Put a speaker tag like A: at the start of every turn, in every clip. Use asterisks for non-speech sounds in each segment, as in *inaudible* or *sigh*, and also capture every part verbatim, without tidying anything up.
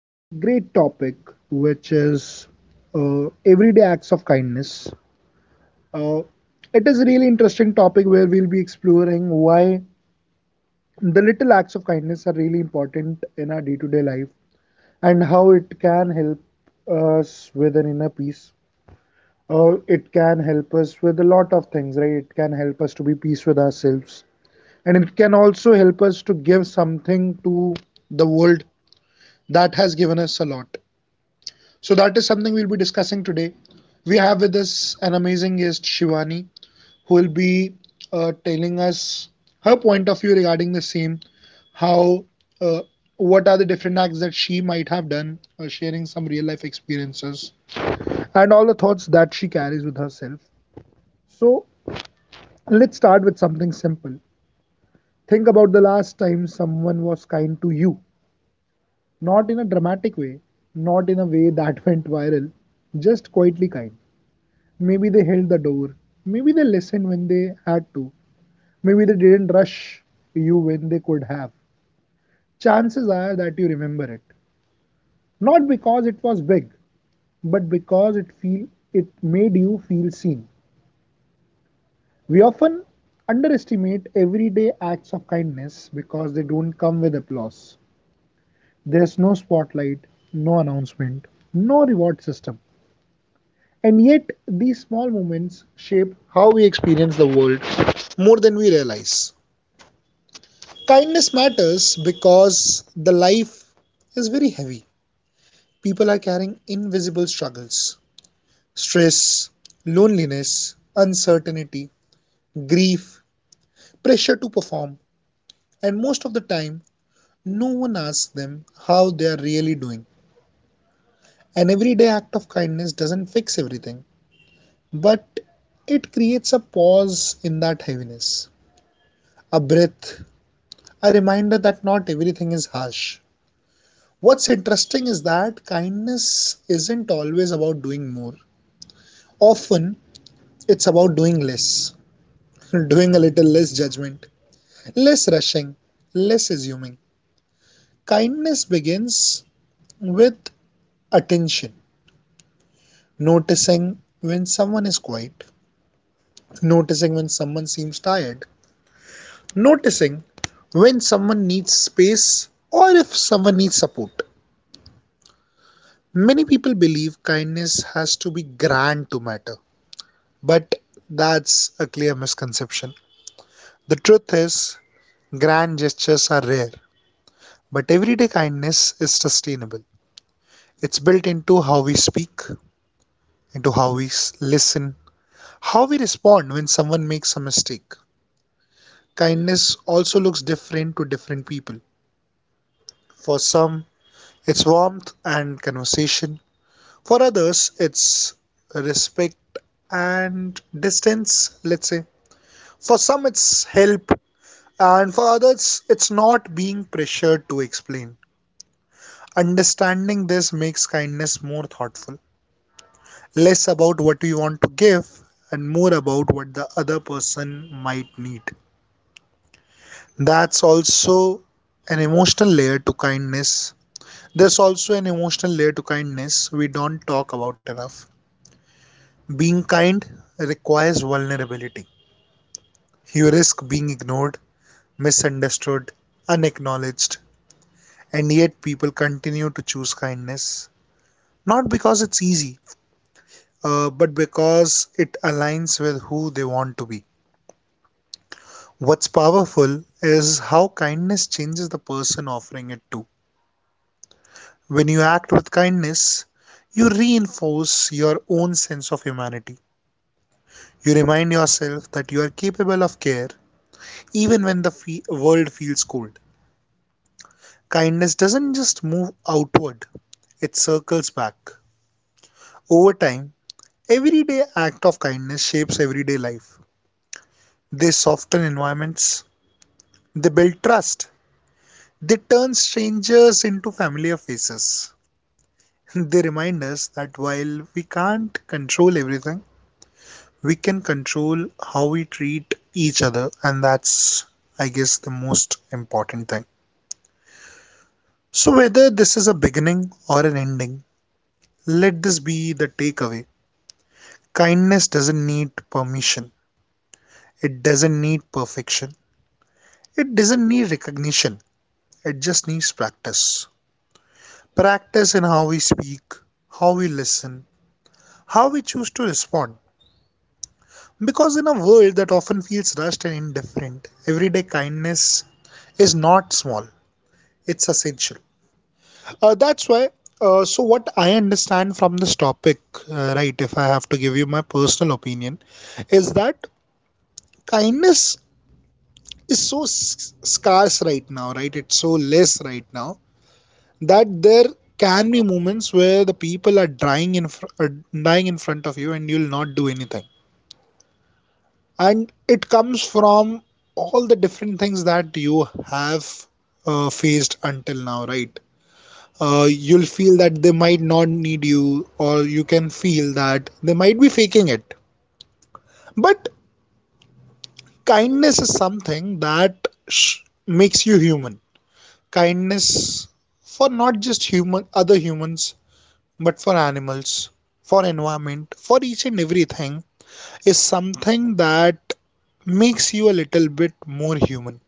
A: A great topic, which is uh, everyday acts of kindness. Uh, it is a really interesting topic where we'll be exploring why the little acts of kindness are really important in our day-to-day life and how it can help us with an inner peace. Uh, it can help us with a lot of things, right? It can help us to be peace with ourselves, and it can also help us to give something to the world that has given us a lot. So that is something we'll be discussing today. We have with us an amazing guest, Shivani, who will be uh, telling us her point of view regarding the same, how, uh, what are the different acts that she might have done, uh, sharing some real life experiences, and all the thoughts that she carries with herself. So let's start with something simple. Think about the last time someone was kind to you. Not in a dramatic way, not in a way that *laughs* went viral, just quietly kind. Maybe they held the door, maybe they listened when they had to, maybe they didn't rush you when they could have. Chances are that you remember it, not because it was big, but because it feel it made you feel seen. We often underestimate everyday acts of kindness because they don't come with applause. There's no spotlight, no announcement, no reward system. And yet, these small moments shape how we experience the world more than we realize. Kindness matters because the life is very heavy. People are carrying invisible struggles: stress, loneliness, uncertainty, grief, pressure to perform, and most of the time, no one asks them how they are really doing. An everyday act of kindness doesn't fix everything, but it creates a pause in that heaviness, a breath, a reminder that not everything is harsh. What's interesting is that kindness isn't always about doing more. Often, it's about doing less, *laughs* doing a little less judgment, less rushing, less assuming. Kindness begins with attention, noticing when someone is quiet, noticing when someone seems tired, noticing when someone needs space or if someone needs support. Many people believe kindness has to be grand to matter. But that's a clear misconception. The truth is, grand gestures are rare, but everyday kindness is sustainable. It's built into how we speak, into how we listen, how we respond when someone makes a mistake. Kindness also looks different to different people. For some, it's warmth and conversation. For others, it's respect and distance, let's say. For some, it's help. And for others, it's not being pressured to explain. Understanding this makes kindness more thoughtful, less about what you want to give and more about what the other person might need. That's also an emotional layer to kindness. There's also an emotional layer to kindness we don't talk about enough. Being kind requires vulnerability. You risk being ignored, misunderstood, unacknowledged, and yet people continue to choose kindness. Not because it's easy, uh, but because it aligns with who they want to be. What's powerful is how kindness changes the person offering it to. When you act with kindness, you reinforce your own sense of humanity. You remind yourself that you are capable of care even when the fe- world feels cold. Kindness doesn't just move outward, it circles back. Over time, everyday act of kindness shapes everyday life. They soften environments, they build trust. They turn strangers into familiar faces. *laughs* They remind us that while we can't control everything, we can control how we treat each other, and that's, I guess, the most important thing. So, whether this is a beginning or an ending, let this be the takeaway. Kindness doesn't need permission, it doesn't need perfection, it doesn't need recognition, it just needs practice. Practice in how we speak, how we listen, how we choose to respond. Because in a world that often feels rushed and indifferent, everyday kindness is not small, it's essential. Uh, that's why. Uh, so what I understand from this topic, uh, right? If I have to give you my personal opinion, is that kindness is so scarce right now, right? It's so less right now that there can be moments where the people are dying in fr- uh, dying in front of you, and you'll not do anything, and it comes from all the different things that you have uh, faced until now, right? Uh, you'll feel that they might not need you, or you can feel that they might be faking it. But kindness is something that sh- makes you human. Kindness for not just human other humans, but for animals, for environment, for each and everything is something that makes you a little bit more human.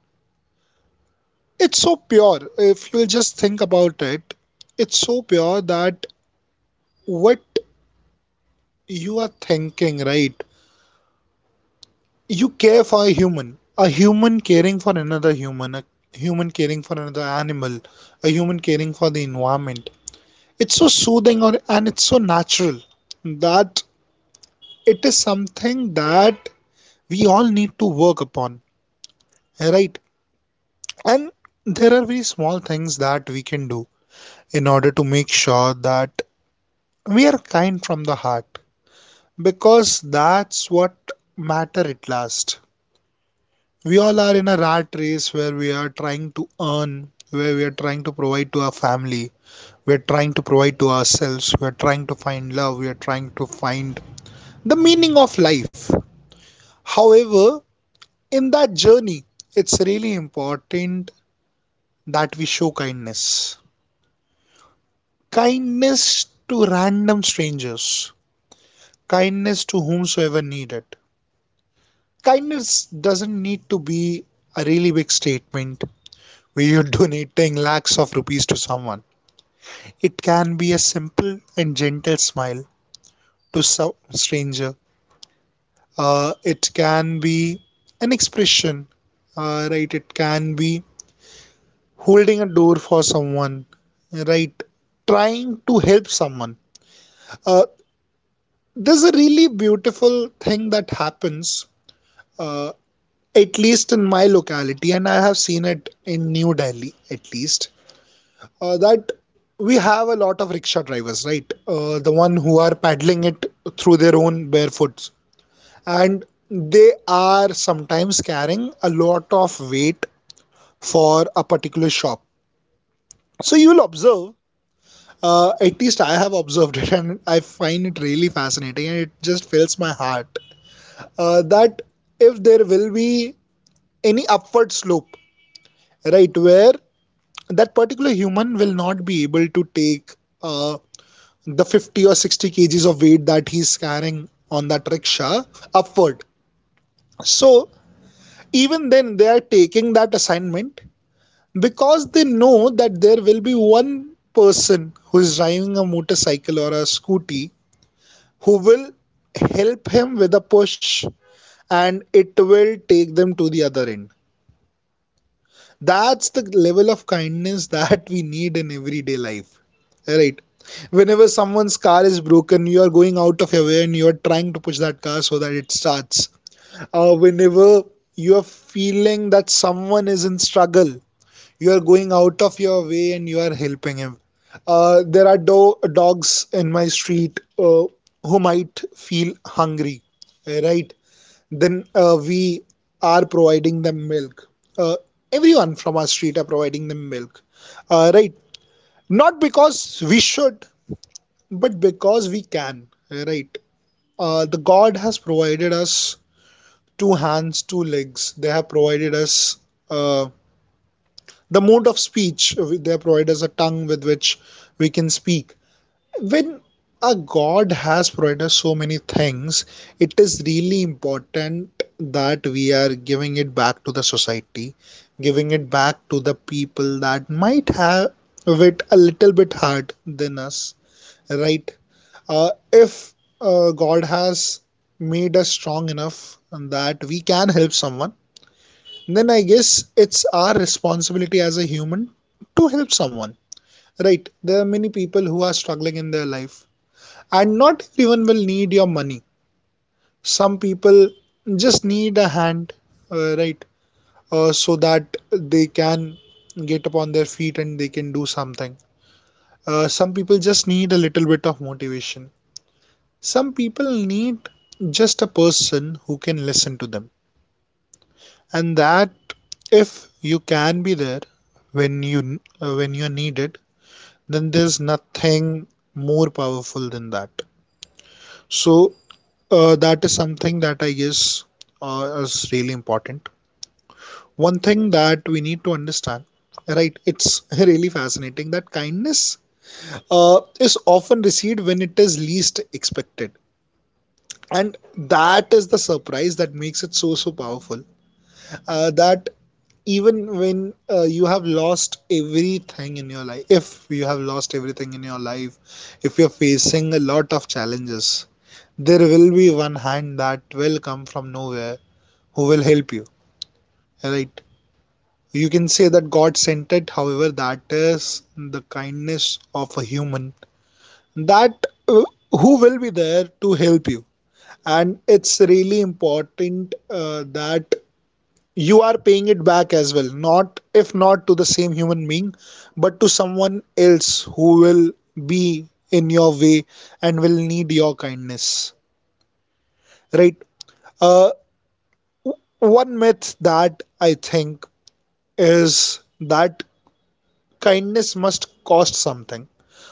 A: It's so pure. If you'll just think about it, it's so pure that what you are thinking, right? You care for a human, a human caring for another human, a human caring for another animal, a human caring for the environment. It's so soothing or, and it's so natural that it is something that we all need to work upon, right? And there are very small things that we can do in order to make sure that we are kind from the heart, because that's what matter at last. We all are in a rat race where we are trying to earn, where we are trying to provide to our family, we are trying to provide to ourselves, we are trying to find love, we are trying to find the meaning of life. However, in that journey, it's really important that we show kindness, kindness to random strangers, kindness to whomsoever needed. Kindness doesn't need to be a really big statement where you're donating lakhs of rupees to someone. It can be a simple and gentle smile to some stranger. Uh, it can be an expression, uh, right? It can be holding a door for someone, right? Trying to help someone. Uh, there's a really beautiful thing that happens, uh, at least in my locality, and I have seen it in New Delhi, at least. Uh, that we have a lot of rickshaw drivers, right? Uh, the one who are paddling it through their own barefoots, and they are sometimes carrying a lot of weight for a particular shop. So you'll observe, uh, at least I have observed *laughs* it, and I find it really fascinating, and it just fills my heart, uh, that if there will be any upward slope, right, where that particular human will not be able to take uh, the fifty or sixty kgs of weight that he's carrying on that rickshaw upward. So even then they are taking that assignment because they know that there will be one person who is driving a motorcycle or a scooty who will help him with a push, and it will take them to the other end. That's the level of kindness *laughs* that we need in everyday life. Right. Whenever someone's car is broken, you are going out of your way and you are trying to push that car so that it starts. Uh, whenever you are feeling that someone is in struggle, you are going out of your way and you are helping him. Uh, there are do- dogs in my street, uh, who might feel hungry, uh, right? Then uh, we are providing them milk. Uh, Everyone from our street are providing them milk, uh, right? Not because we should, but because we can, right? Uh, the god has provided us two hands, two legs, they have provided us, uh, the mode of speech, they have provided us a tongue with which we can speak. When a god has provided us so many things, it is really important that we are giving it back to the society, giving it back to the people that might have it a little bit hard than us, right? Uh, if uh, God has made us strong enough that we can help someone, then I guess it's our responsibility as a human to help someone. Right? There are many people who are struggling in their life, and not everyone will need your money. Some people just need a hand, uh, right? Uh, so that they can get upon their feet and they can do something. Uh, some people just need a little bit of motivation. Some people need just a person who can listen to them, and that if you can be there when you uh, when you're needed, then there's nothing more powerful than that. So uh, that is something that I guess uh, is really important. One thing that we need to understand, right? It's *laughs* really fascinating that kindness uh, is often received when it is least expected, and that is the surprise that makes it so so powerful, uh, that even when uh, you have lost everything in your life, if you have lost everything in your life, if you're facing a lot of challenges, there will be one hand that will come from nowhere who will help you, right? You can say that God sent it. However, that is the kindness of a human that uh, who will be there to help you. And it's really important uh, that you are paying it back as well, not if not to the same human being but to someone else who will be in your way and will need your kindness, right? uh, One myth that I think is that kindness must cost something.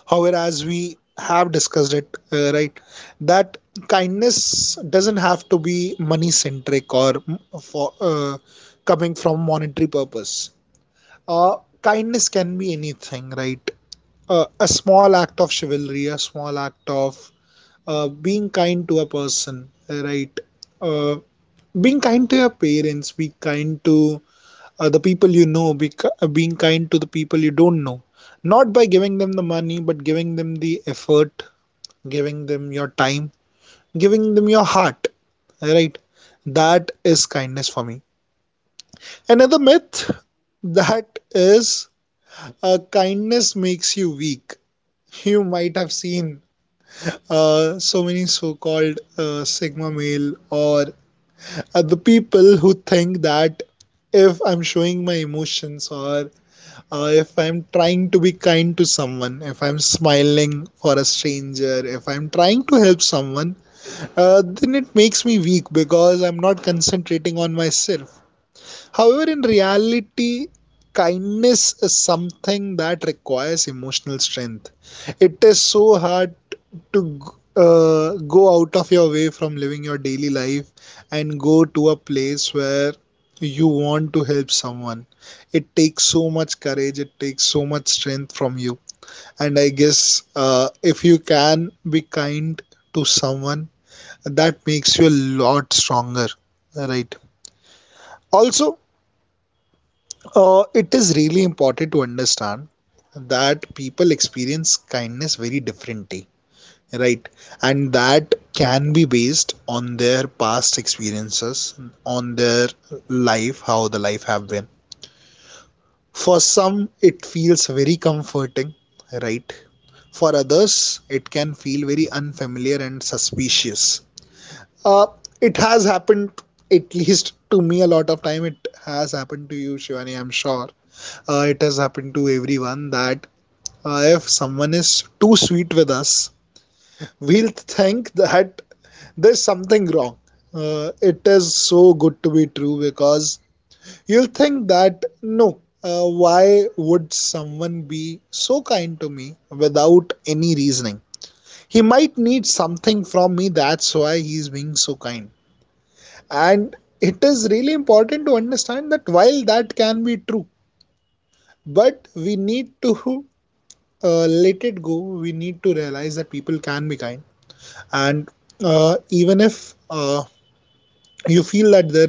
A: However, as we have discussed it, uh, right, that kindness doesn't have to be money centric or mm, for uh, coming from monetary purpose. Uh, Kindness can be anything, right? Uh, a small act of chivalry, a small act of uh, being kind to a person, right? Uh, Being kind to your parents, be kind to uh, the people you know, be, ki- uh, being kind to the people you don't know. Not by giving them the money, but giving them the effort, giving them your time, giving them your heart, right? That is kindness for me. Another myth *laughs* that is uh, kindness makes you weak. You might have seen uh, so many so called uh, Sigma male, or uh, the people who think that if I'm showing my emotions, or uh, if I'm trying to be kind to someone, if I'm smiling for a stranger, if I'm trying to help someone, uh, then it makes me weak because I'm not concentrating on myself. However, in reality, kindness is something that requires emotional strength. It is so hard to uh, go out of your way from living your daily life and go to a place where you want to help someone. It takes so much courage, it takes so much strength from you. And I guess uh, if you can be kind to someone, that makes you a lot stronger, right? Also, Uh, it is really important to understand that people experience kindness very differently, right? And that can be based on their past experiences, on their life, how the life have been. For some, it feels very comforting, right? For others, it can feel very unfamiliar and suspicious. Uh, it has happened, at least to me, a lot of time. It has happened to you, Shivani, I'm sure uh, it has happened to everyone that uh, if someone is too sweet with us, we'll think that there's something wrong. Uh, it is so good to be true, because you'll think that no, uh, why would someone be so kind to me without any reasoning? He might need something from me, that's why he's being so kind. And it is really important to understand that while that can be true, but we need to uh, let it go. We need to realize that people can be kind, and uh, even if uh, you feel that there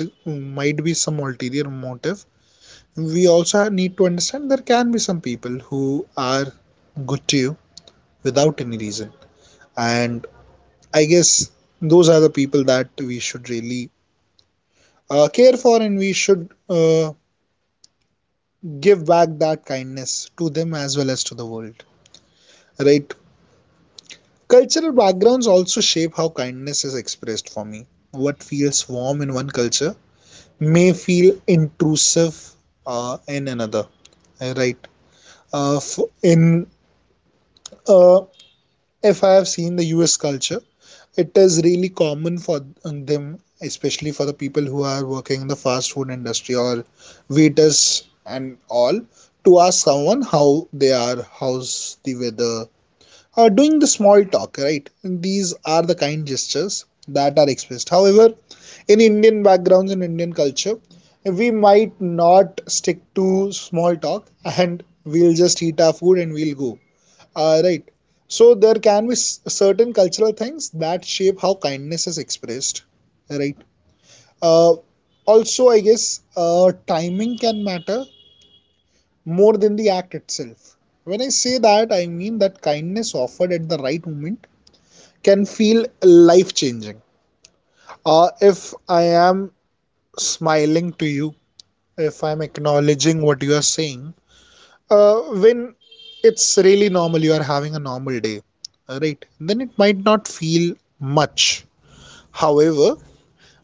A: might be some ulterior motive, we also need to understand there can be some people who are good to you without any reason. And I guess those are the people that we should really uh, care for, and we should uh, give back that kindness to them as well as to the world, right? Cultural backgrounds also shape how kindness is expressed for me. What feels warm in one culture may feel intrusive uh, in another, right? Uh, in uh, if I have seen the U S culture, it is really common for them, especially for the people who are working in the fast food industry or waiters and all, to ask someone how they are, how's the weather, uh, doing the small talk, right? And these are the kind gestures that are expressed. However, in Indian backgrounds and Indian culture, we might not stick to small talk, and we'll just eat our food and we'll go. Uh, right. So there can be certain cultural things that shape how kindness is expressed, right? Uh, Also, I guess uh, timing can matter more than the act itself. When I say that, I mean that kindness offered at the right moment can feel life changing. Uh, if I am smiling to you, if I'm acknowledging what you are saying, uh, when it's really normal, you are having a normal day, right? Then it might not feel much. However,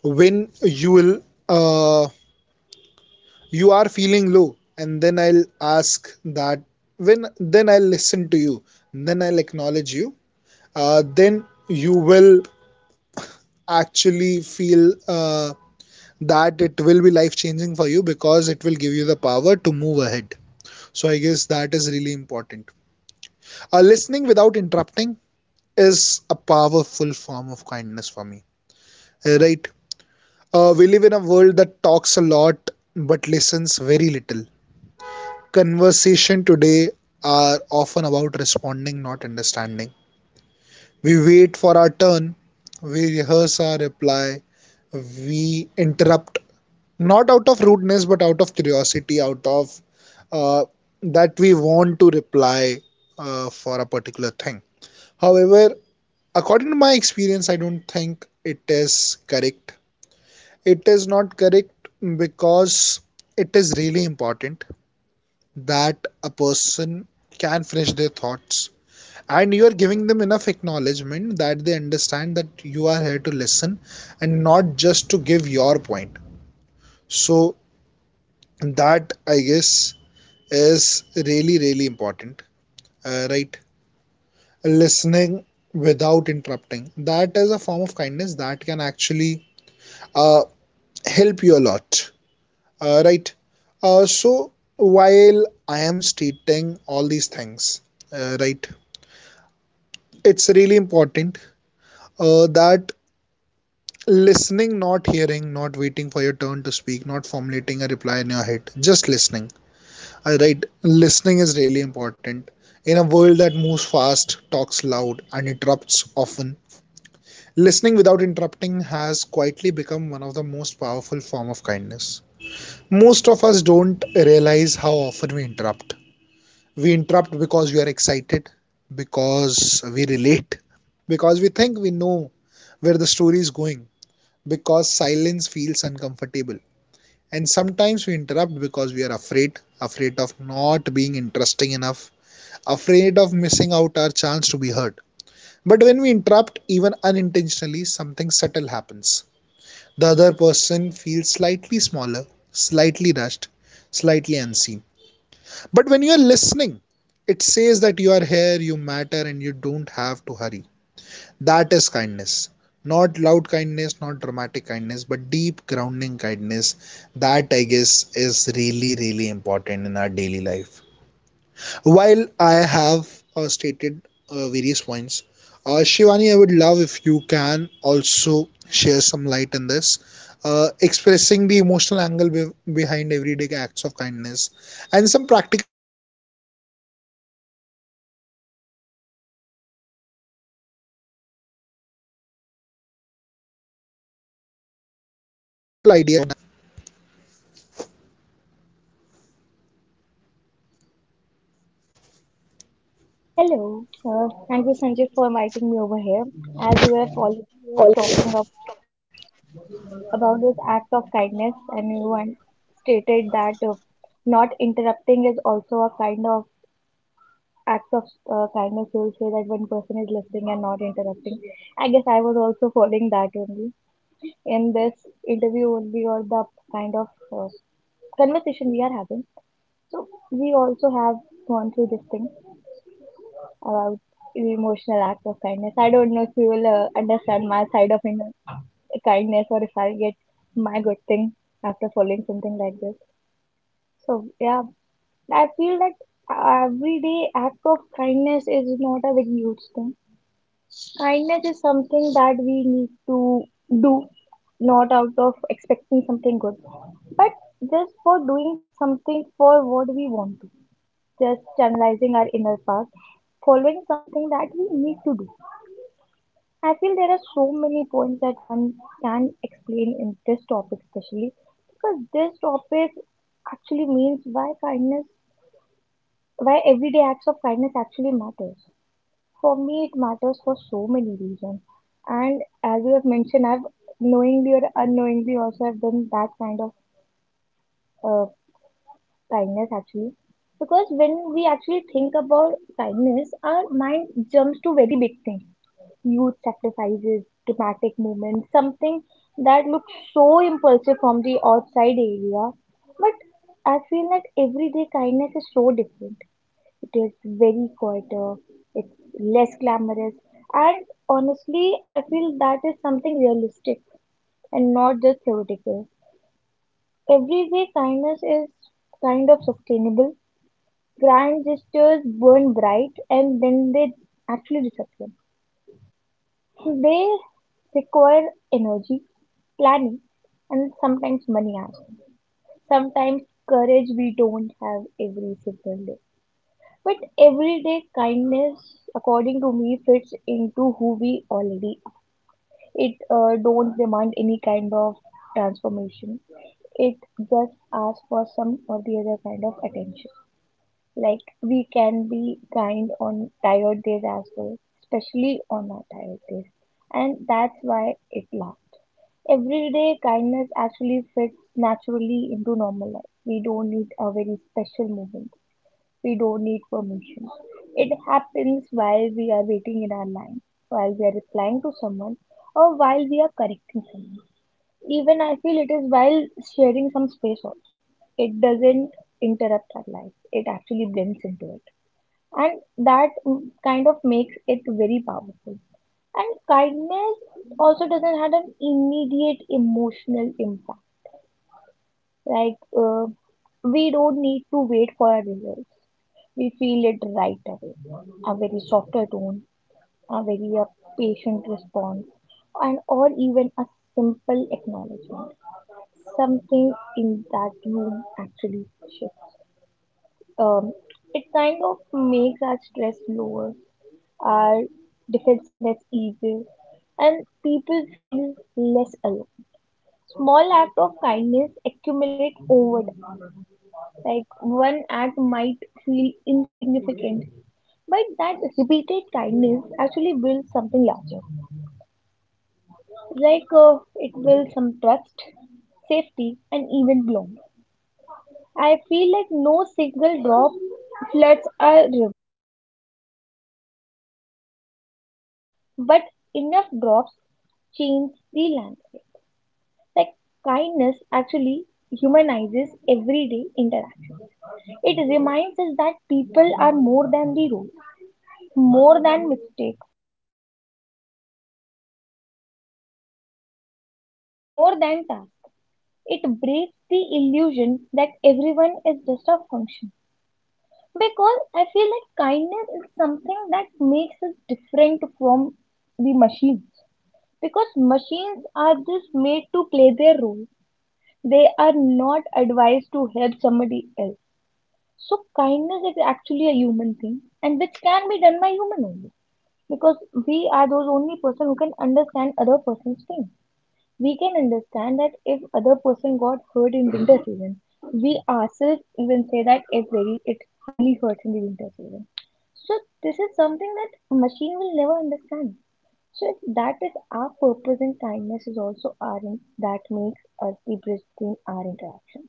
A: when you will, uh, you are feeling low, and then I'll ask that when then I'll listen to you, then I'll acknowledge you, uh, then you will actually feel. Uh, that it will be life changing for you because it will give you the power to move ahead. So I guess that is really important. Uh, listening without interrupting is a powerful form of kindness for me. eh, Right? Uh, we live in a world that talks a lot but listens very little. Conversation today are often about responding, not understanding. We wait for our turn, we rehearse our reply, we interrupt not out of rudeness but out of curiosity, out of uh, that we want to reply uh, for a particular thing. However, according to my experience, I don't think it is correct. It is not correct, because it is really important that a person can finish their thoughts and you are giving them enough acknowledgement that they understand that you are here to listen and not just to give your point. So that, I guess, is really, really important, uh, right? Listening without interrupting. That is a form of kindness that can actually uh, help you a lot, uh, right? Uh, so, while I am stating all these things, uh, right, it's really important uh, that listening, not hearing, not waiting for your turn to speak, not formulating a reply in your head, just listening. Uh, right, listening is really important. In a world that moves fast, talks loud, and interrupts often, listening without interrupting has quietly become one of the most powerful form of kindness. Most of us don't realize how often we interrupt. We interrupt because we are excited, because we relate, because we think we know where the story is going, because silence feels uncomfortable. And sometimes we interrupt because we are afraid, afraid of not being interesting enough, afraid of missing out our chance to be heard. But when we interrupt, even unintentionally, something subtle happens. The other person feels slightly smaller, slightly rushed, slightly unseen. But when you are listening, it says that you are here, you matter, and you don't have to hurry. That is kindness. Not loud kindness, not dramatic kindness, but deep grounding kindness. That, I guess, is really, really important in our daily life. While I have uh, stated uh, various points, uh, Shivani, I would love if you can also share some light in this, uh, expressing the emotional angle be- behind everyday acts of kindness and some practical ideas to explore everyday kindness and how we can develop these kindness kindness in our everyday life. Also, if you have some personal experiences you want to share.
B: Hello, uh, thank you Sanjay for inviting me over here. As you have already was talking up about this act of kindness, and you and stated that uh, not interrupting is also a kind of act of uh, kindness. You will say that one person is listening and not interrupting. I guess I was also following that only in this interview only or the kind of uh, conversation we are having. So we also have gone through this thing. about the emotional act of kindness. I don't know if you will uh, understand my side of in- kindness or if I'll get my good thing after following something like this. So, yeah, I feel that everyday act of kindness is not a very huge thing. Kindness is something that we need to do, not out of expecting something good, but just for doing something for what we want to, just channelizing our inner part, following something that we need to do. I feel there are so many points that one can explain in this topic, especially because this topic actually means why kindness, why everyday acts of kindness actually matters. For me, it matters for so many reasons. And as you have mentioned, I've knowingly or unknowingly also have done that kind of uh, kindness actually, because when we actually think about kindness, our mind jumps to very big things, huge sacrifices, dramatic movements, something that looks so impulsive from the outside area. But I feel that everyday kindness is so different. It is very quieter, it's less glamorous, and honestly, I feel that is something realistic and not just theoretical. Everyday kindness is kind of sustainable. Grand gestures burn bright and then they actually disappear. They require energy, planning, and sometimes money as well. Sometimes courage we don't have every single day. But everyday kindness, according to me, fits into who we already are. It uh, don't demand any kind of transformation. It just asks for some or the other kind of attention. Like, we can be kind on tired days as well, especially on our tired days. And that's why it lasts. Everyday kindness actually fits naturally into normal life. We don't need a very special moment. We don't need permission. It happens while we are waiting in our line, while we are replying to someone, or while we are correcting someone. Even I feel it is while sharing some space also. It doesn't interrupt our life. It actually blends into it, and that m- kind of makes it very powerful. And kindness also doesn't have an immediate emotional impact. Like, uh, we don't need to wait for our results. We feel it right away. A very softer tone, a very uh, patient response, and or even a simple acknowledgement. Something in that room actually shifts. Um, it kind of makes our stress lower, our defensiveness eases, and people feel less alone. Small acts of kindness accumulate over time. Like, one act might feel insignificant, but that repeated kindness actually builds something larger. Like, uh, it builds some trust, safety, and even belonging. I feel like no single drop floods a river. But enough drops change the landscape. Like, kindness actually humanizes everyday interaction. It reminds us that people are more than the rules, more than mistakes, more than tasks. It breaks the illusion that everyone is just a function. Because I feel like kindness is something that makes us different from the machines. Because machines are just made to play their role, they are not advised to help somebody else. So kindness is actually a human thing and which can be done by human only, because we are those only person who can understand other person's thing. We can understand that if other person got hurt in winter season, we ourselves even say that it very it highly hurts in the winter season. So this is something that machine will never understand. So if that is our purpose and kindness is also our in, that makes us the bridge between our interaction.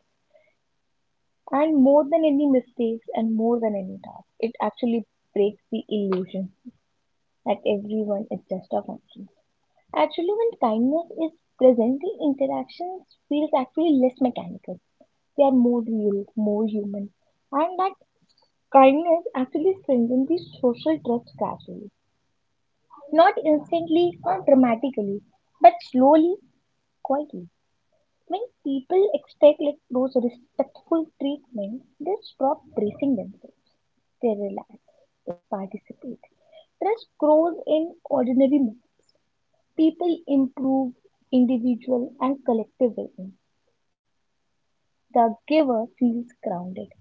B: And more than any mistakes and more than any task, it actually breaks the illusion that everyone is just a function. Actually, when kindness is present, the interactions feels actually less mechanical. They are more real, more human, and that kindness actually strengthens the social trust gradually, not instantly, not dramatically, but slowly, quietly. When people expect like those respectful treatment, they stop bracing themselves. They relax. They participate. Trust grows in ordinary moments. People improve individual and collective well-being. The giver feels grounded.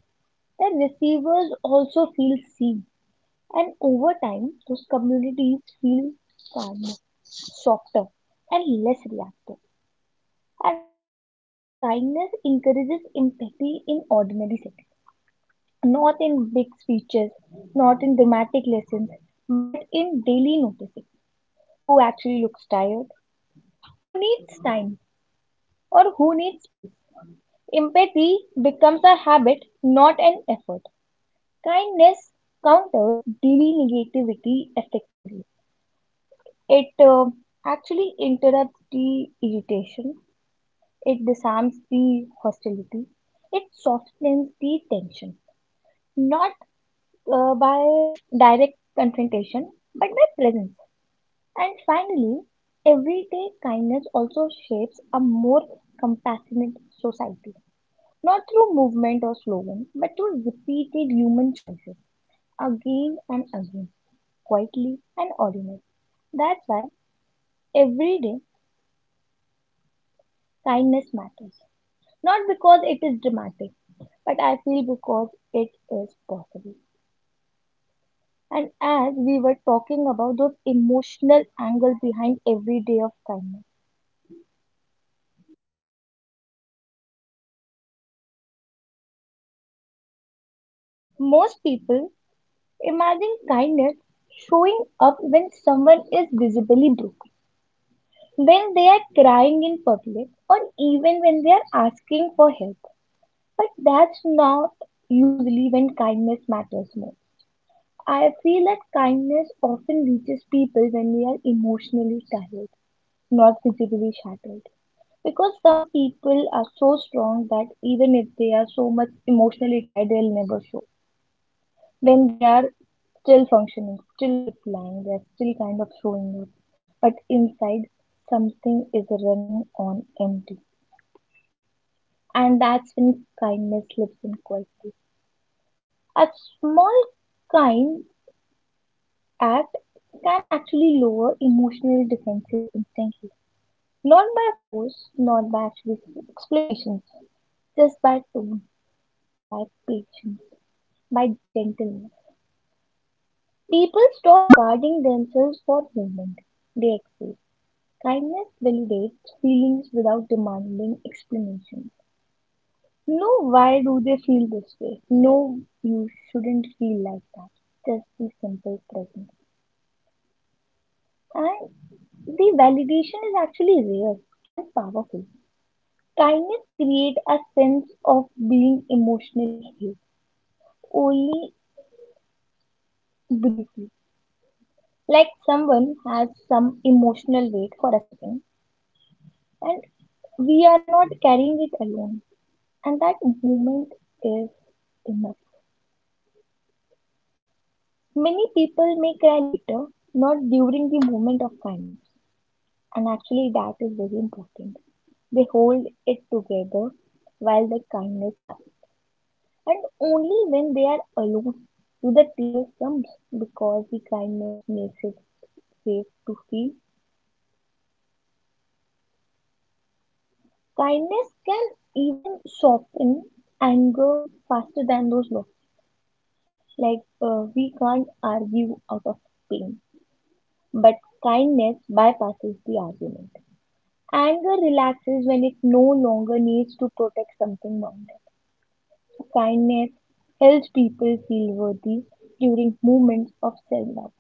B: The receivers also feel seen. And over time, those communities feel calmer, softer, and less reactive. Actually, I feel like kindness encourages empathy in ordinary settings, not in big speeches, not in dramatic lessons, but in daily noticing who actually looks tired, who needs time, or who needs space. Empathy becomes a habit, not an effort. Kindness counters daily negativity effectively. It uh, actually interrupts the irritation, it disarms the hostility, it softens the tension, not uh, by direct confrontation, but by presence. And finally, everyday kindness also shapes a more compassionate society, not through movement or slogan, but through repeated human choices, again and again, quietly and ordinarily. That's why everyday kindness matters, not because it is dramatic, but I feel because it is possible. And as we were talking about those emotional angle behind every day of kindness, most people imagine kindness showing up when someone is visibly broken, when they are crying in public, or even when they are asking for help. But that's not usually when kindness matters most. I feel that kindness often reaches people when we are emotionally tired, not visibly shattered. Because some people are so strong that even if they are so much emotionally tired, they'll never show. Then they are still functioning, still replying, they're still kind of showing up. But inside, something is running on empty. And that's when kindness slips in quietly. A small kind act can actually lower emotional defenses instantly. Not by force, not by actually explanations, just by tone, by patience, by gentleness. People stop guarding themselves for a moment. They accept. Kindness validates feelings without demanding explanations. Know why do they feel this way? No, you shouldn't feel like that. Just be simple present. And the validation is actually rare and powerful. Kindness creates a sense of being emotionally healed. Only briefly. Like, someone has some emotional weight for a second, and we are not carrying it alone, and that moment is enough. Many people may cry later, not during the moment of kindness, and actually that is very important. They hold it together while the kindness happens, and only when they are alone do the tears come, because the kindness makes it safe to feel. Kindness can even soften anger faster than those laws. Like, uh, we can't argue out of pain, but kindness bypasses the argument. Anger relaxes when it no longer needs to protect something boundary. Kindness helps people feel worthy during moments of self doubt,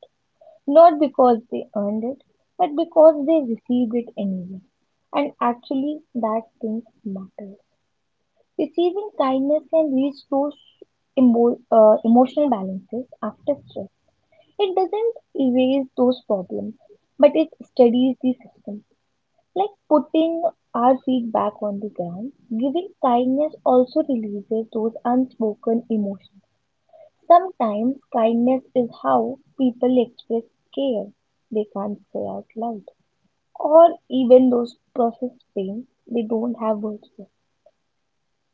B: not because they earned it, but because they received it anyway. And actually, that thing matters. Receiving kindness can restore emo- uh, emotional balances after stress. It doesn't erase those problems, but it steadies the system. Like putting our feet back on the ground, giving kindness also releases those unspoken emotions. Sometimes kindness is how people express care they can't say out loud, or even those process pain they don't have words for.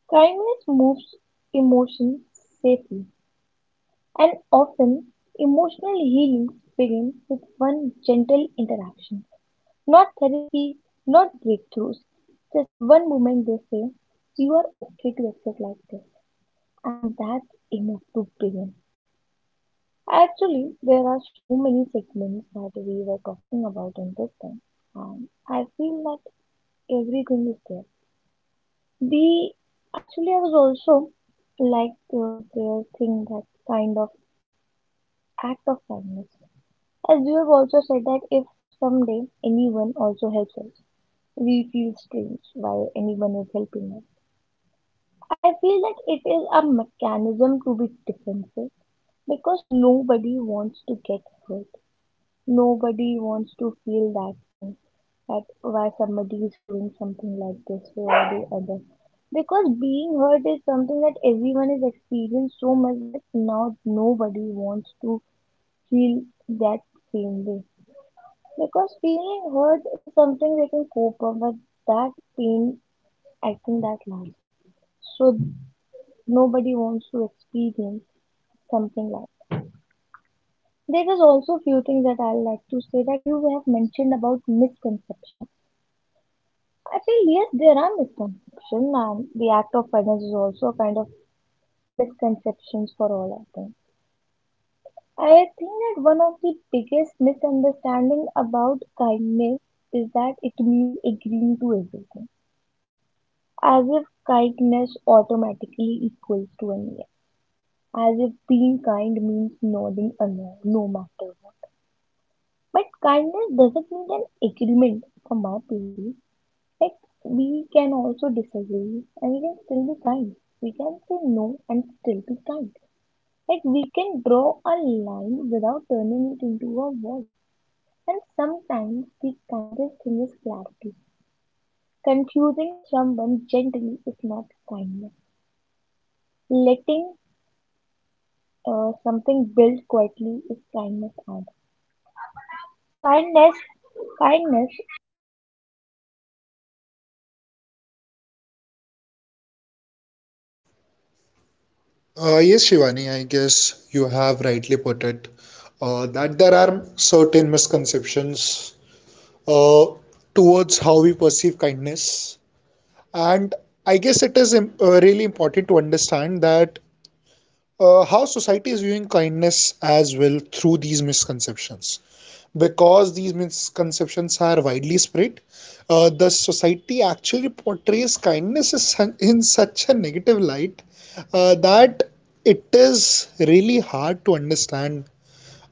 B: Kindness moves emotions safely, and often emotional healings begin with one gentle interaction. Not therapy, not breakthroughs. Just one moment they say, "You are okay to accept like this," and that's enough to begin. Actually, there are so many segments that we were talking about in this thing, and I feel like everything is there. The actually, I was also like to uh, their thing that kind of act of kindness. As you have also said that if someday anyone also helps us, we feel strange why anyone is helping us. I feel that it is a mechanism to be defensive, because nobody wants to get hurt. Nobody wants to feel that thing, that why somebody is doing something like this way or the other. Because being hurt is something that everyone has experienced so much that now nobody wants to feel that same way. Because feeling hurt is something they can cope up, but that pain, I think that lasts. So nobody wants to experience something like. that. There is also few things that I like to say that you have mentioned about misconception. I feel yes, there are misconceptions, and the act of kindness is also a kind of misconceptions for all, I think. I think that one of the biggest misunderstanding about kindness is that it means agreeing to everything, as if kindness automatically equals to an yes, as if being kind means nodding along, no no matter what. But kindness doesn't need an agreement, for my theory. Like we can also disagree and we can still be kind. We can say no and still be kind. Like we can draw a line without turning it into a wall. And sometimes the kindest thing is clarity. Confusing someone gently is not kindness. Letting uh, something build quietly is kindness art. Kindness, kindness.
A: Uh, yes, Shivani, I guess you have rightly put it, uh, that there are certain misconceptions uh, towards how we perceive kindness. And I guess it is im- uh, really important to understand that uh, how society is viewing kindness as well through these misconceptions. Because these misconceptions are widely spread, uh, the society actually portrays kindness as sun- in such a negative light, uh, that it is really hard to understand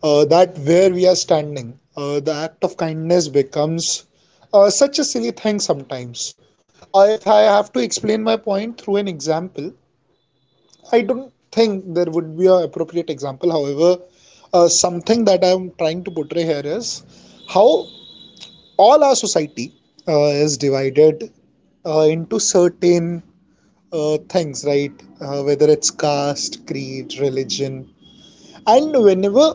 A: uh, that where we are standing, uh, the act of kindness becomes uh, such a silly thing sometimes. Uh, if I have to explain my point through an example, I don't think there would be an appropriate example. However, uh, something that I am trying to portray here is how all our society uh, is divided uh, into certain uh, things, right? Uh, whether it's caste, creed, religion, and whenever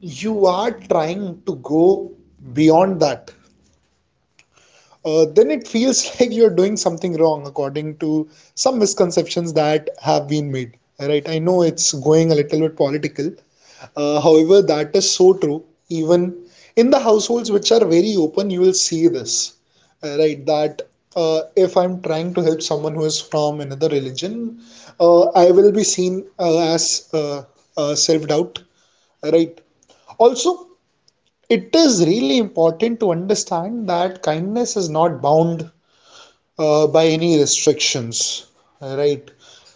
A: you are trying to go beyond that, uh, then it feels *laughs* like you're doing something wrong according to some misconceptions that have been made. Right? I know it's going a little bit political. Uh, however, that is so true. Even in the households which are very open, you will see this. Uh, right? That uh, if I'm trying to help someone who is from another religion, uh, I will be seen uh, as uh, uh, self-doubt. Right? Also, it is really important to understand that kindness is not bound uh, by any restrictions, right?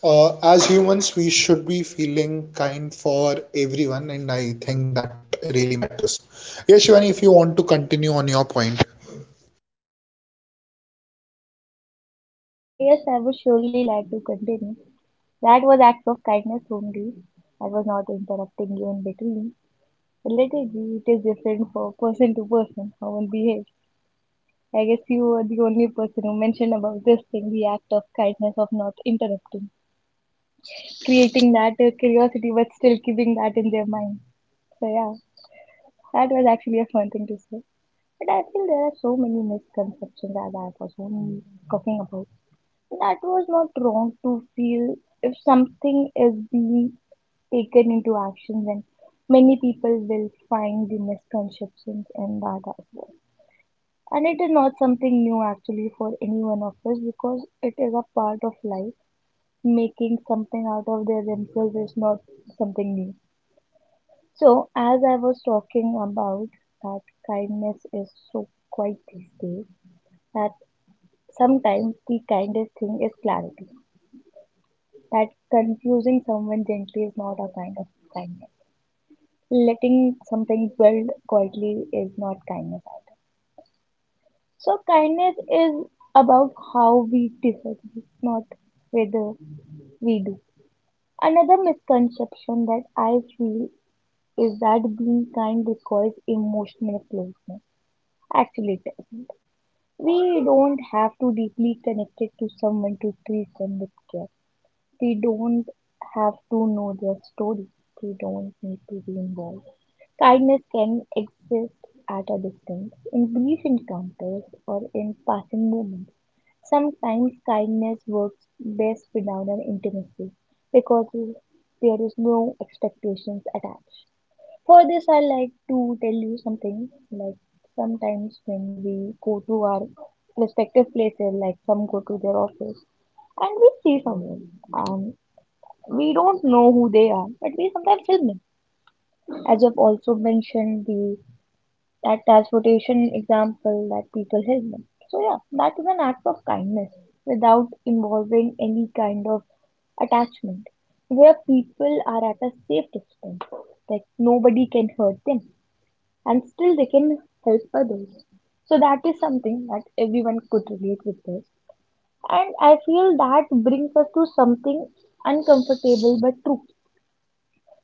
A: Uh, as humans, we should be feeling kind for everyone, and I think that really matters. Yes, Shivani, if you want to continue on your point.
B: Yes, I would surely like to continue. That was act of kindness only. I was not interrupting you in between. Literally, it is different for person to person how one behaves. I guess you are the only person who mentioned about this thing the act of kindness of not interrupting, creating that uh, curiosity but still keeping that in their mind. So, yeah, that was actually a fun thing to say. But I feel there are so many misconceptions that I was only talking about. That was not wrong to feel if something is being taken into action, then many people will find the misconceptions in that as well. And it is not something new actually for any one of us because it is a part of life. Making something out of their themselves is not something new. So, as I was talking about that kindness is so quiet these days, that sometimes the kindest thing is clarity. That confusing someone gently is not a kind of kindness. Letting something build quietly is not kindness either. So kindness is about how we disagree, not whether we do. Another misconception that I feel is that being kind requires emotional closeness. Actually, it doesn't. We don't have to deeply connected to someone to treat them with care. We don't have to know their story. We don't need to be involved. Kindness can exist at a distance, in brief encounters, or in passing moments. Sometimes kindness works best without an intimacy because there is no expectations attached. For this, I like to tell you something like sometimes when we go to our respective places, like some go to their office and we see someone and we don't know who they are, but we sometimes help them. As I've also mentioned, the that transportation example that people help them, so yeah, that is an act of kindness without involving any kind of attachment where people are at a safe distance, like nobody can hurt them and still they can help others. So that is something that everyone could relate with this. And I feel that brings us to something uncomfortable but true.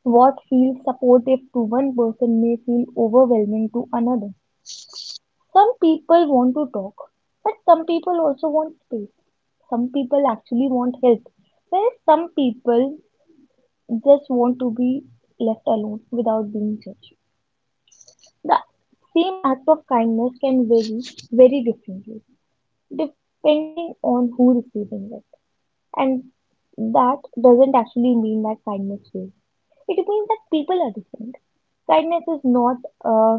B: What feels supportive to one person may feel overwhelming to another, some people want to talk, but some people also want space. Some people actually want help, whereas some people just want to be left alone without being judged. The same act of kindness can vary very differently depending on who receiving it. And that doesn't actually mean that kindness fails. It means that people are different. Kindness is not a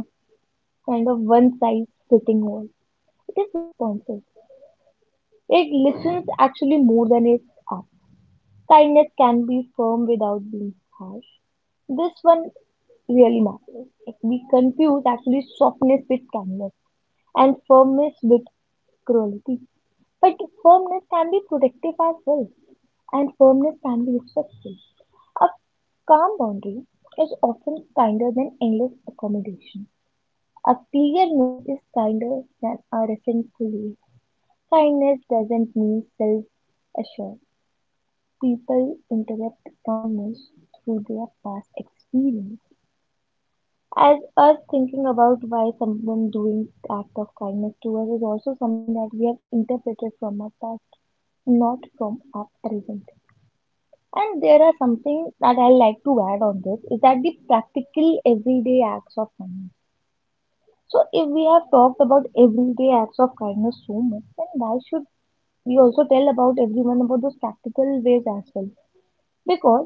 B: kind of one size fitting all. It is responsive. It listens actually more than it asks. Kindness can be firm without being harsh. This one really matters. Like we confuse actually softness with kindness and firmness with cruelty. But firmness can be protective as well, and firmness can be respectful. A calm boundary is often kinder than endless accommodation. A clear no is kinder than a resentful yes. Kindness doesn't mean self assured. People interpret kindness through their past experience. As us thinking about why someone doing act of kindness to us is also something that we have interpreted from our past, not from our present. And there are something that I like to add on this is that the practical everyday acts of kindness. So if we have talked about everyday acts of kindness so much, then why should we also tell about everyone about those practical ways as well? Because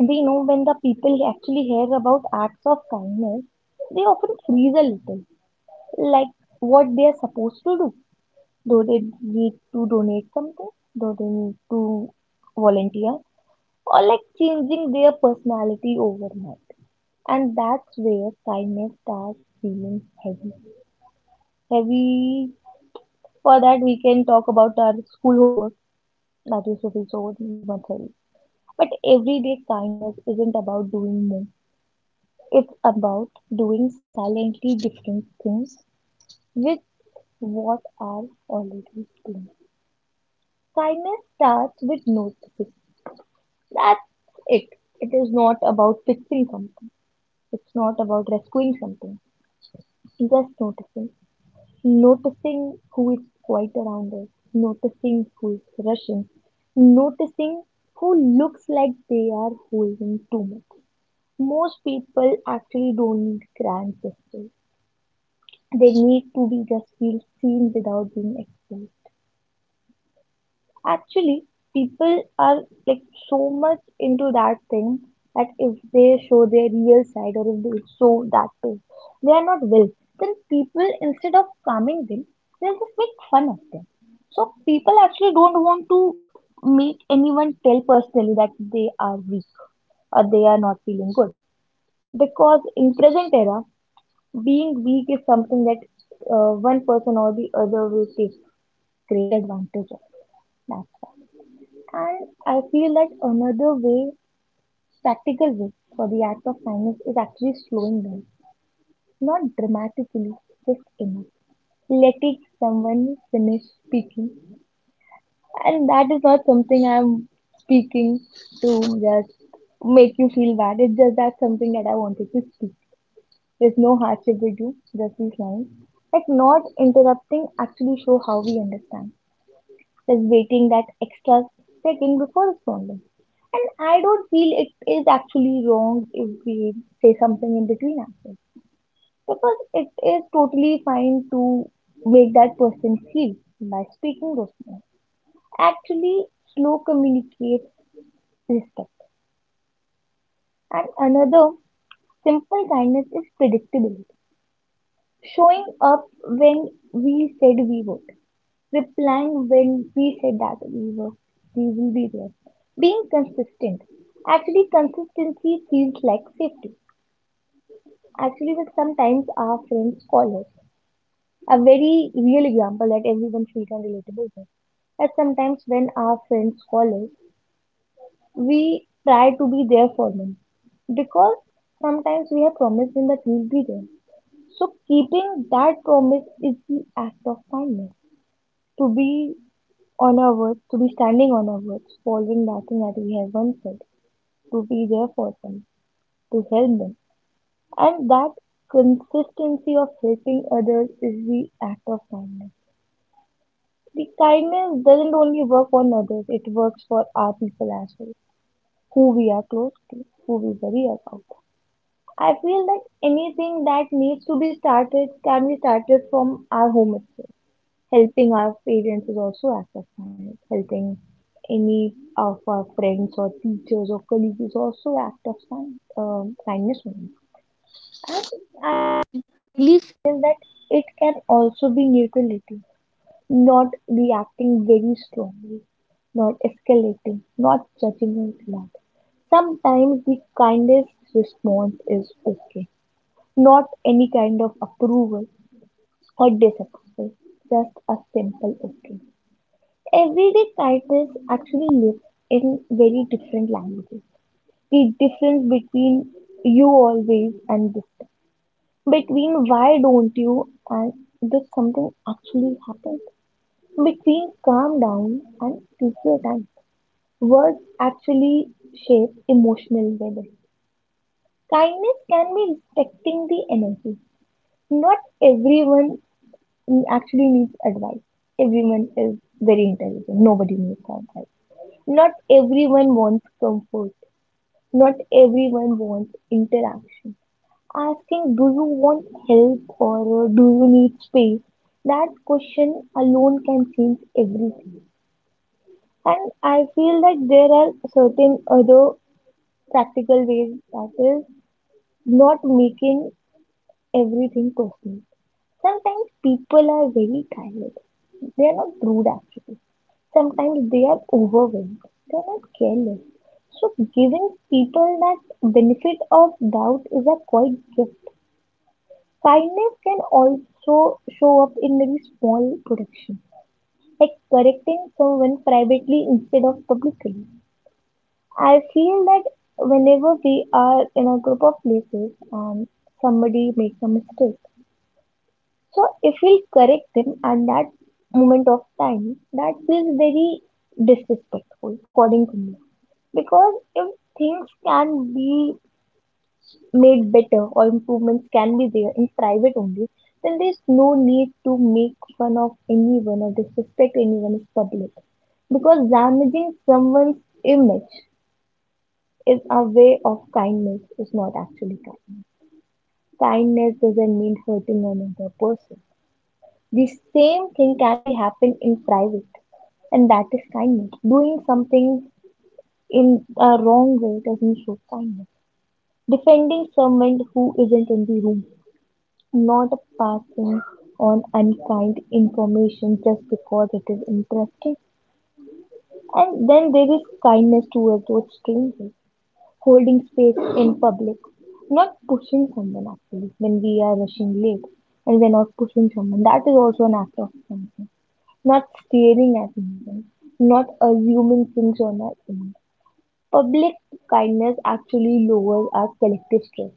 B: we know when the people actually hear about acts of kindness, they often freeze a little, like what they are supposed to do. Do they need to donate something? Do they need to volunteer? Or like changing their personality overnight. And that's where kindness starts feeling heavy. Heavy, for that we can talk about our school homework that used to be so much heavy. But everyday kindness isn't about doing more. It's about doing silently different things with what are already doing. Kindness starts with noticing. That's it. It is not about fixing something. It's not about rescuing something. Just noticing. Noticing who is quiet around us. Noticing who is rushing. Noticing who looks like they are holding too much. Most people actually don't need grand gestures. They need to be just feel seen without being exposed. Actually, people are like so much into that thing that if they show their real side or if they show that too, they are not well. Then people instead of calming them, they'll just make fun of them. So people actually don't want to make anyone tell personally that they are weak or they are not feeling good because in present era being weak is something that uh, one person or the other will take great advantage of. That's why. And I feel that another way, practical way for the act of kindness is actually slowing down, not dramatically, just enough. Letting someone finish speaking, and that is not something I'm speaking to just make you feel bad. It's just that something that I wanted to speak. There's no hardship with you, just these lines. Like not interrupting actually show how we understand. Just waiting that extra second before responding. And I don't feel it is actually wrong if we say something in between ourselves. Because it is totally fine to make that person feel by speaking those words. Actually, slow communicates respect. And another simple kindness is predictability. Showing up when we said we would. Replying when we said that we were, we will be there. Being consistent. Actually, consistency feels like safety. Actually, but sometimes our friends call us. A very real example that everyone feels and relatable with. As sometimes when our friends call us, we try to be there for them because sometimes we have promised them that we'll be there. So keeping that promise is the act of kindness. To be on our words, to be standing on our words, following nothing that we have once said, to be there for them, to help them. And that consistency of helping others is the act of kindness. The kindness doesn't only work on others, it works for our people as well, who we are close to, who we worry about. I feel that anything that needs to be started can be started from our home itself, helping our parents is also act of kindness. Helping any of our friends or teachers or colleagues is also act of kind, um, kindness only. And I feel that it can also be neutrality, not reacting very strongly, not escalating, not judging out loud. Sometimes the kindest response is okay, not any kind of approval or disapproval, just a simple okay. Everyday crisis actually lives in very different languages. The difference between you always and this, between why don't you and this something actually happened, between calm down and take your time. Words actually shape emotional weather. Kindness can be respecting the energy. Not everyone actually needs advice. Everyone is very intelligent. Nobody needs advice. Not everyone wants comfort. Not everyone wants interaction. Asking, do you want help or uh, do you need space? That question alone can change everything. And I feel that there are certain other practical ways that is not making everything personal. Sometimes people are very tired. They are not rude actually, sometimes they are overwhelmed, they're not careless. So, giving people that benefit of doubt is a quite gift. Kindness can also show up in very small production, like correcting someone privately instead of publicly. I feel that whenever we are in a group of places and somebody makes a mistake, so if we correct them at that moment of time, that feels very disrespectful, according to me. Because if things can be made better or improvements can be there in private only, then there's no need to make fun of anyone or disrespect anyone in public. Because damaging someone's image is a way of kindness, is not actually kindness. Kindness doesn't mean hurting another person. The same thing can be happen in private, and that is kindness. Doing something in a wrong way doesn't show kindness, defending someone who isn't in the room, not passing on unkind information just because it is interesting. And then there is kindness towards those strangers, holding space in public, not pushing someone actually when we are rushing late and we're not pushing someone. That is also an act of kindness. Not staring at someone, not assuming things on our own. Public kindness actually lowers our collective stress.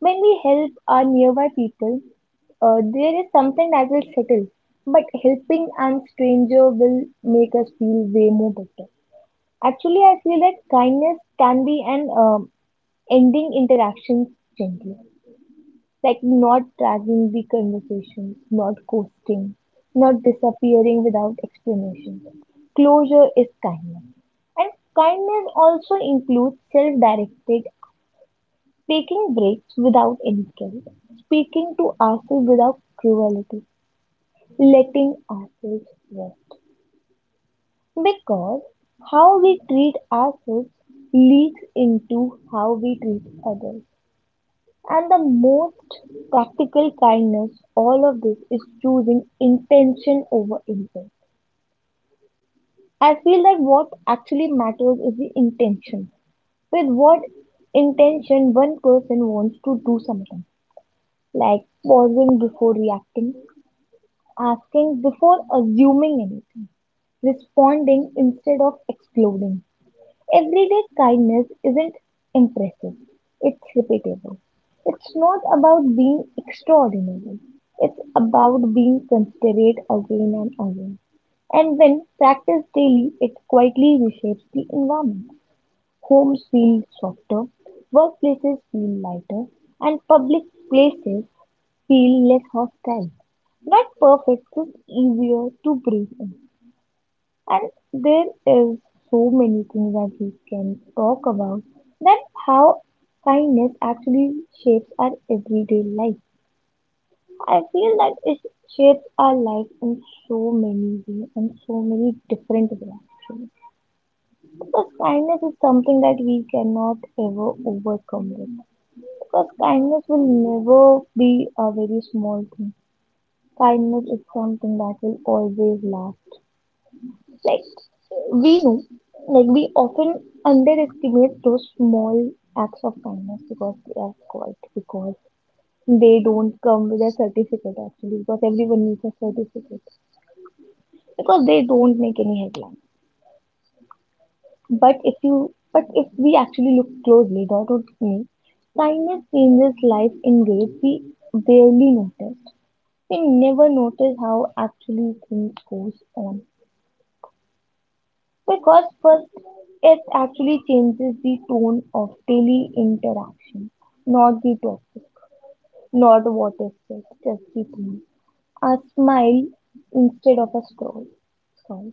B: When we help our nearby people, uh, there is something that will settle. But helping an stranger will make us feel way more better. Actually, I feel that kindness can be an um, ending interactions gently, like not dragging the conversations, not ghosting, not disappearing without explanation. Closure is kindness. And kindness also includes self directed. Taking breaks without any guilt, speaking to ourselves without cruelty, letting ourselves rest. Because how we treat ourselves leaks into how we treat others. And the most practical kindness, all of this is choosing intention over intent. I feel that what actually matters is the intention. With what intention one person wants to do something, like pausing before reacting, asking before assuming anything, responding instead of exploding. Everyday kindness isn't impressive, it's repeatable. It's not about being extraordinary, it's about being considerate again and again. And when practiced daily, it quietly reshapes the environment. Homes feel softer, workplaces feel lighter, and public places feel less hostile. Not perfect is easier to breathe in. And there is so many things that we can talk about, that how kindness actually shapes our everyday life. I feel that it shapes our life in so many ways and so many different ways actually. Because kindness is something that we cannot ever overcome with. Because kindness will never be a very small thing. Kindness is something that will always last. Like we know, like we often underestimate those small acts of kindness because they are quiet, because they don't come with a certificate actually, because everyone needs a certificate, because they don't make any headline. But if you, but if we actually look closely, not only kindness changes life in ways we barely notice. We never notice how actually things goes on. Because first, it actually changes the tone of daily interaction, not the topic, not what is said, just the tone. A smile instead of a scroll. Sorry.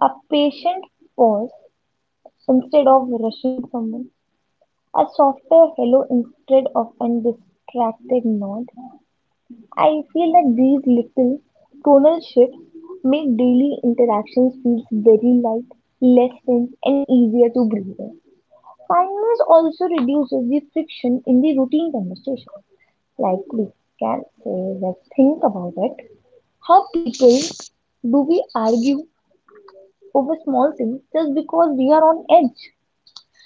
B: A patient pause instead of rushing someone. A softer hello instead of a distracted nod. I feel that these little tonal shifts make daily interactions feel very light, less tense, and easier to breathe in. Kindness also reduces the friction in the routine conversation. Like we can say, let's think about it. How people do we argue over small things just because we are on edge?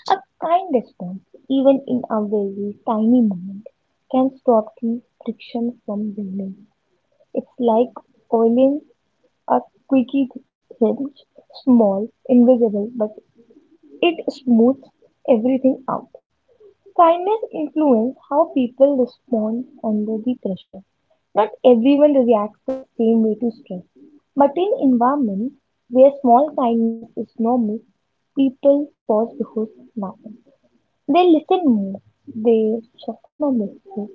B: A kind response, even in a very tiny moment, can stop the friction from building. It's like oiling a quickie hinge, small, invisible, but it smooths everything out. Kindness influences how people respond under the pressure. Not everyone reacts the same way to stress, but in environments where small kindness is normal, people pause before snapping. They listen more. They soften a little.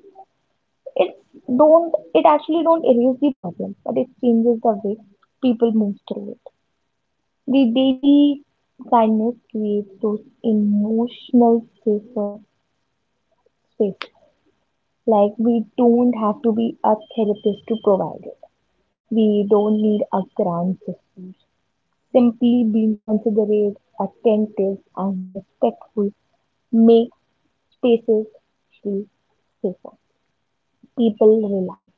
B: It don't. It actually don't erase the problem, but it changes the way people move through it. The daily kindness creates those emotional safer spaces. Like, we don't have to be a therapist to provide it. We don't need a grand system. Simply being considerate, attentive, and respectful makes spaces feel safer. People relax.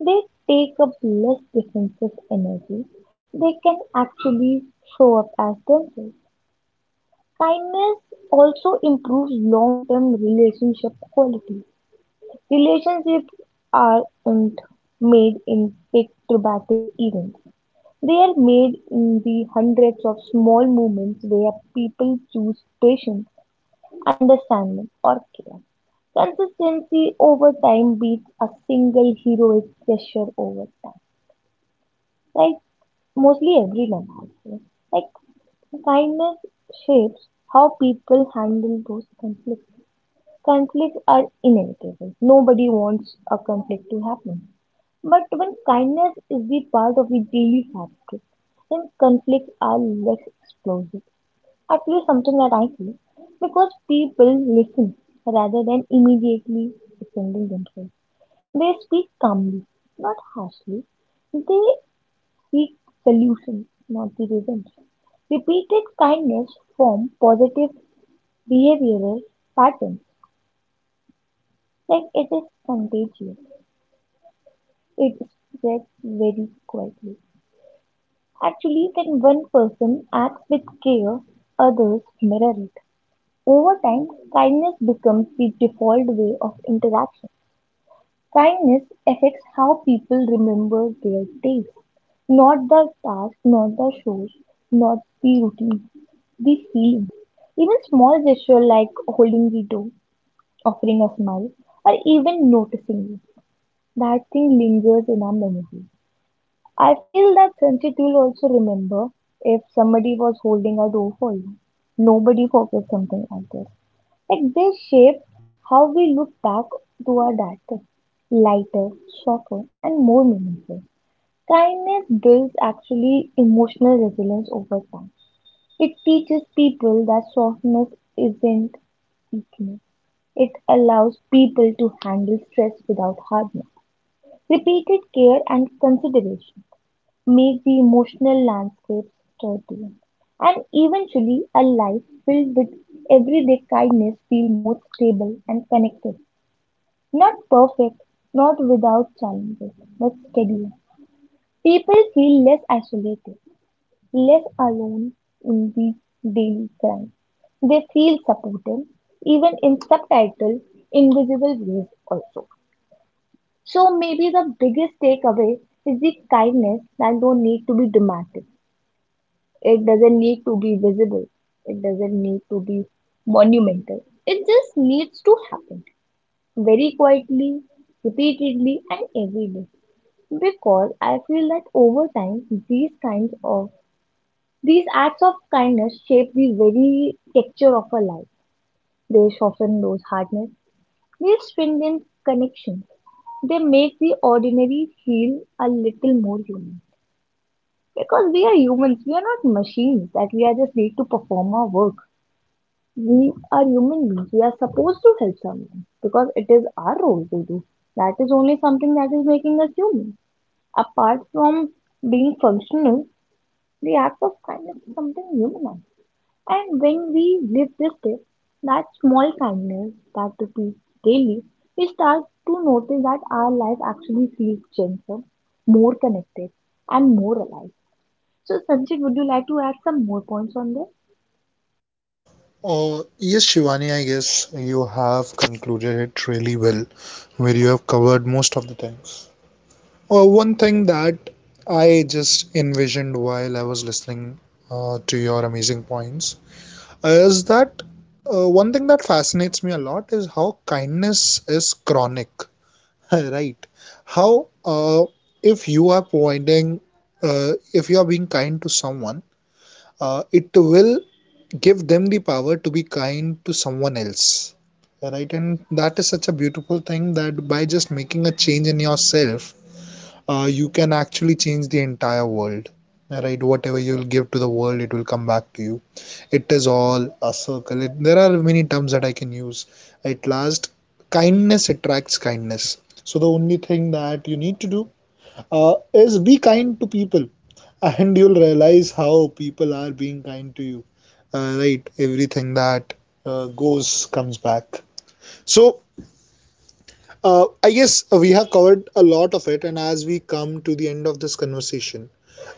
B: They take up less defensive energy. They can actually show up as themselves. Kindness also improves long term relationship quality. Relationships aren't made in big dramatic events. They are made in the hundreds of small moments where people choose patience, understanding, or care. Consistency over time beats a single heroic gesture over time. Like mostly everyone has this. Like kindness shapes how people handle those conflicts. Conflicts are inevitable. Nobody wants a conflict to happen. But when kindness is the part of the daily fabric, then conflicts are less explosive. At least something that I feel. Because people listen rather than immediately defending themselves. They speak calmly, not harshly. They seek solutions, not the revenge. Repeated kindness form positive behavioral patterns. Like it is contagious. It spreads very quietly. Actually, when one person acts with care, others mirror it. Over time, kindness becomes the default way of interaction. Kindness affects how people remember their days, not the tasks, not the shows, not the routine, the feeling. Even small gestures like holding the door, offering a smile, or even noticing you, that thing lingers in our memory. I feel that sensitive will also remember if somebody was holding a door for you. Nobody forgets something like this. Like they shape how we look back to our darker, lighter, shorter, and more meaningful. Kindness builds actually emotional resilience over time. It teaches people that softness isn't weakness. It allows people to handle stress without hardness. Repeated care and consideration make the emotional landscape sturdy. And eventually, a life filled with everyday kindness feel more stable and connected. Not perfect, not without challenges, but steady. People feel less isolated, less alone in the daily grind. They feel supported, even in subtitle, invisible ways also. So maybe the biggest takeaway is the kindness that don't need to be dramatic. It doesn't need to be visible. It doesn't need to be monumental. It just needs to happen very quietly, repeatedly, and every day. Because I feel that over time, these kinds of these acts of kindness shape the very texture of our life. They soften those hardness. They strengthen connections. They make the ordinary feel a little more human. Because we are humans, we are not machines that we are just need to perform our work, we are human beings. We are supposed to help someone because it is our role to do. That is only something that is making us human. Apart from being functional, the act of kindness is something human. And when we live this day, that small kindness that repeats daily, we start to notice that our life actually feels gentler, more connected, and more alive. So, Sanjay, would you like to add some more points on this?
A: Uh, yes, Shivani, I guess you have concluded it really well, where you have covered most of the things. Uh, one thing that I just envisioned while I was listening uh, to your amazing points is that uh, one thing that fascinates me a lot is how kindness is chronic, *laughs* right? How uh, if you are providing, uh, if you are being kind to someone, uh, it will give them the power to be kind to someone else, right? And that is such a beautiful thing that by just making a change in yourself, uh, you can actually change the entire world, right? Whatever you'll give to the world, it will come back to you. It is all a circle. It, there are many terms that I can use. At last, kindness attracts kindness. So the only thing that you need to do uh, is be kind to people, and you'll realize how people are being kind to you. Uh, right, everything that uh, goes comes back. So uh, I guess uh, we have covered a lot of it, and as we come to the end of this conversation,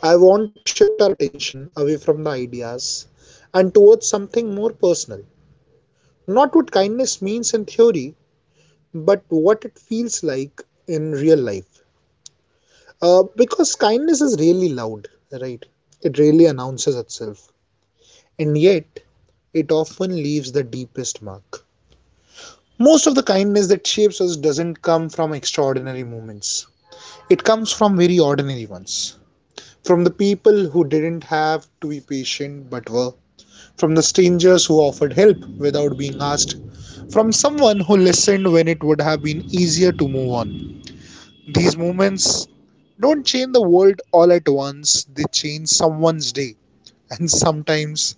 A: I want to shift our attention away from the ideas and towards something more personal. Not what kindness means in theory, but what it feels like in real life. Uh, because kindness is really loud, right? It really announces itself, and yet it often leaves the deepest mark. Most of the kindness that shapes us doesn't come from extraordinary moments, it comes from very ordinary ones. From the people who didn't have to be patient but were, from the strangers who offered help without being asked, from someone who listened when it would have been easier to move on. These movements don't change the world all at once, they change someone's day, *laughs* and sometimes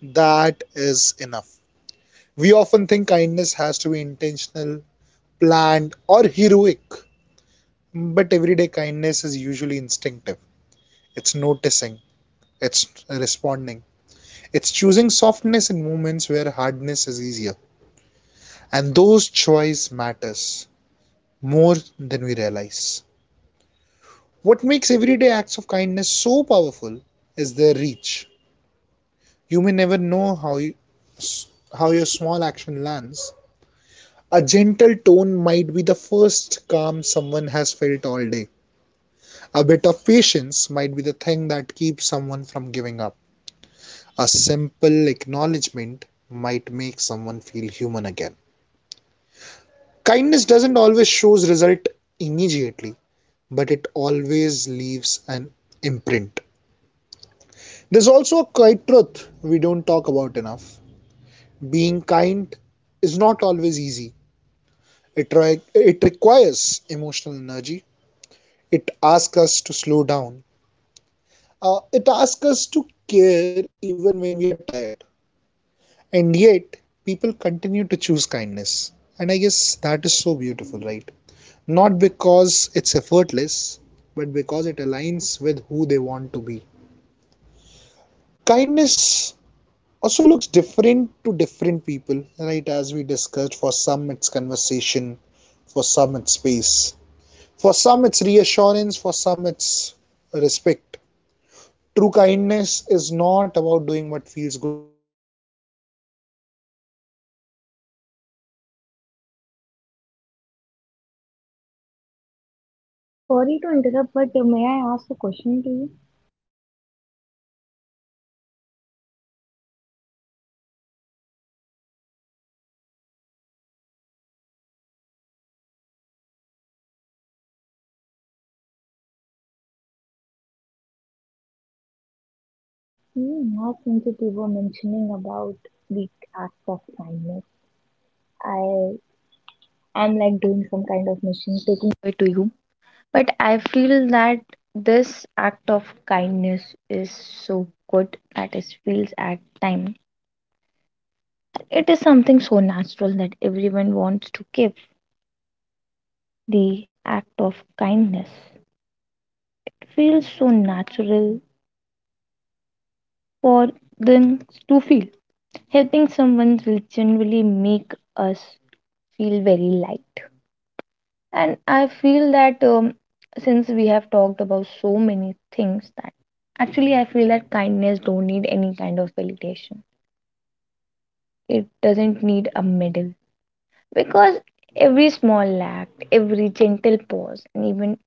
A: that is enough. We often think kindness has to be intentional, planned, or heroic, but everyday kindness is usually instinctive. It's noticing, it's responding, it's choosing softness in moments where hardness is easier. And those choice matters more than we realize. What makes everyday acts of kindness so powerful is their reach. You may never know how, you, how your small action lands. A gentle tone might be the first calm someone has felt all day. A bit of patience might be the thing that keeps someone from giving up. A simple acknowledgement might make someone feel human again. Kindness doesn't always show result immediately, but it always leaves an imprint. There's also a quiet truth we don't talk about enough. Being kind is not always easy. It, ri- it requires emotional energy. It asks us to slow down. Uh, it asks us to care even when we are tired. And yet, people continue to choose kindness. And I guess that is so beautiful, right? Not because it's effortless, but because it aligns with who they want to be. Kindness also looks different to different people, right? As we discussed, for some it's conversation, for some it's space, for some it's reassurance, for some.
B: Sorry to interrupt, but may I ask a question to you? Hmm, now since you were mentioning about the act of kindness, I am like doing some kind of mission, taking it to you. But I feel that this act of kindness is so good that it feels at time. It is something so natural that everyone wants to give the act of kindness. It feels so natural for them to feel. Helping someone will generally make us feel very light. And I feel that um, since we have talked about so many things, that actually I feel that kindness don't need any kind of validation. It doesn't need a medal because every small act, every gentle pause, and even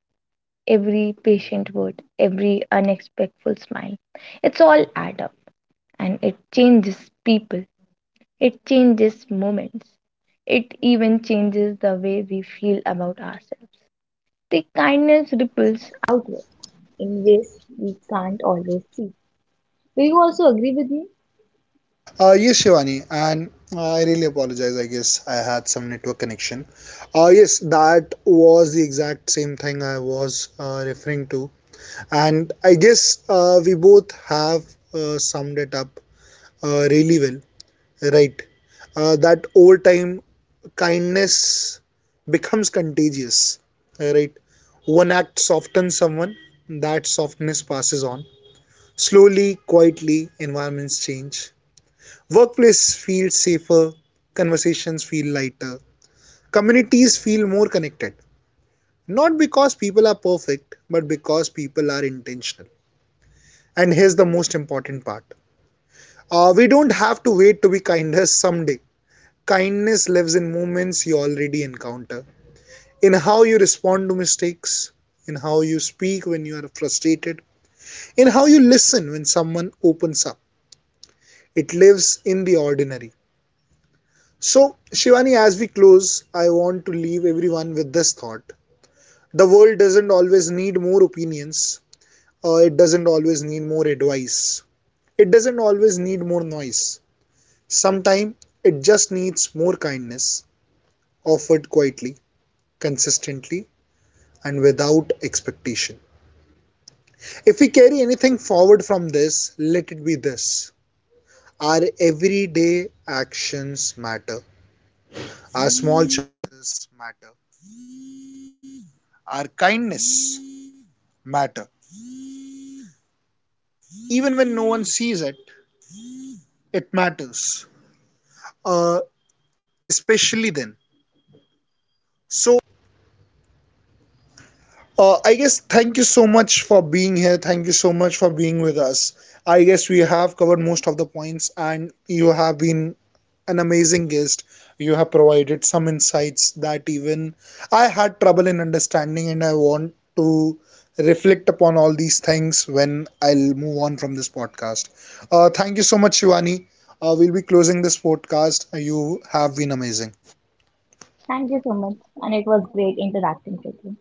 B: every patient word, every unexpectful smile, it's all add up and it changes people. It changes moments. It even changes the way we feel about ourselves. The kindness ripples outward in ways we can't always see. Will you also agree with me?
A: Uh, yes, Shivani, and uh, I really apologize. I guess I had some network connection. Uh, yes, that was the exact same thing I was uh, referring to, and I guess uh, we both have uh, summed it up uh, really well, right? Uh, that over time, kindness becomes contagious, right? One act softens someone, that softness passes on. Slowly, quietly, environments change, workplace feels safer, conversations feel lighter, communities feel more connected. Not because people are perfect, but because people are intentional. And here's the most important part, uh, we don't have to wait to be kinder someday. Kindness lives in moments you already encounter, in how you respond to mistakes, in how you speak when you are frustrated, in how you listen when someone opens up. It lives in the ordinary. So, Shivani, as we close, I want to leave everyone with this thought. The world doesn't always need more opinions, uh, it doesn't always need more advice, it doesn't always need more noise. Sometimes it just needs more kindness offered quietly, consistently, and without expectation. If we carry anything forward from this, let it be this: our everyday actions matter. I guess thank you so much for being here. Thank you so much for being with us. I guess we have covered most of the points, and you have been an amazing guest. You have provided some insights that even I had trouble in understanding, and I want to reflect upon all these things when I'll move on from this podcast. Uh, thank you so much, Shivani. Uh, we'll be closing this podcast. You have been amazing.
B: Thank you so much, and it was great interacting with you.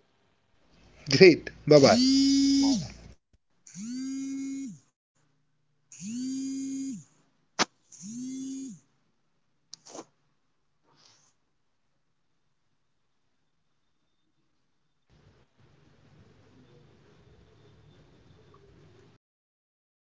B: Bye-bye. भैया हो गया?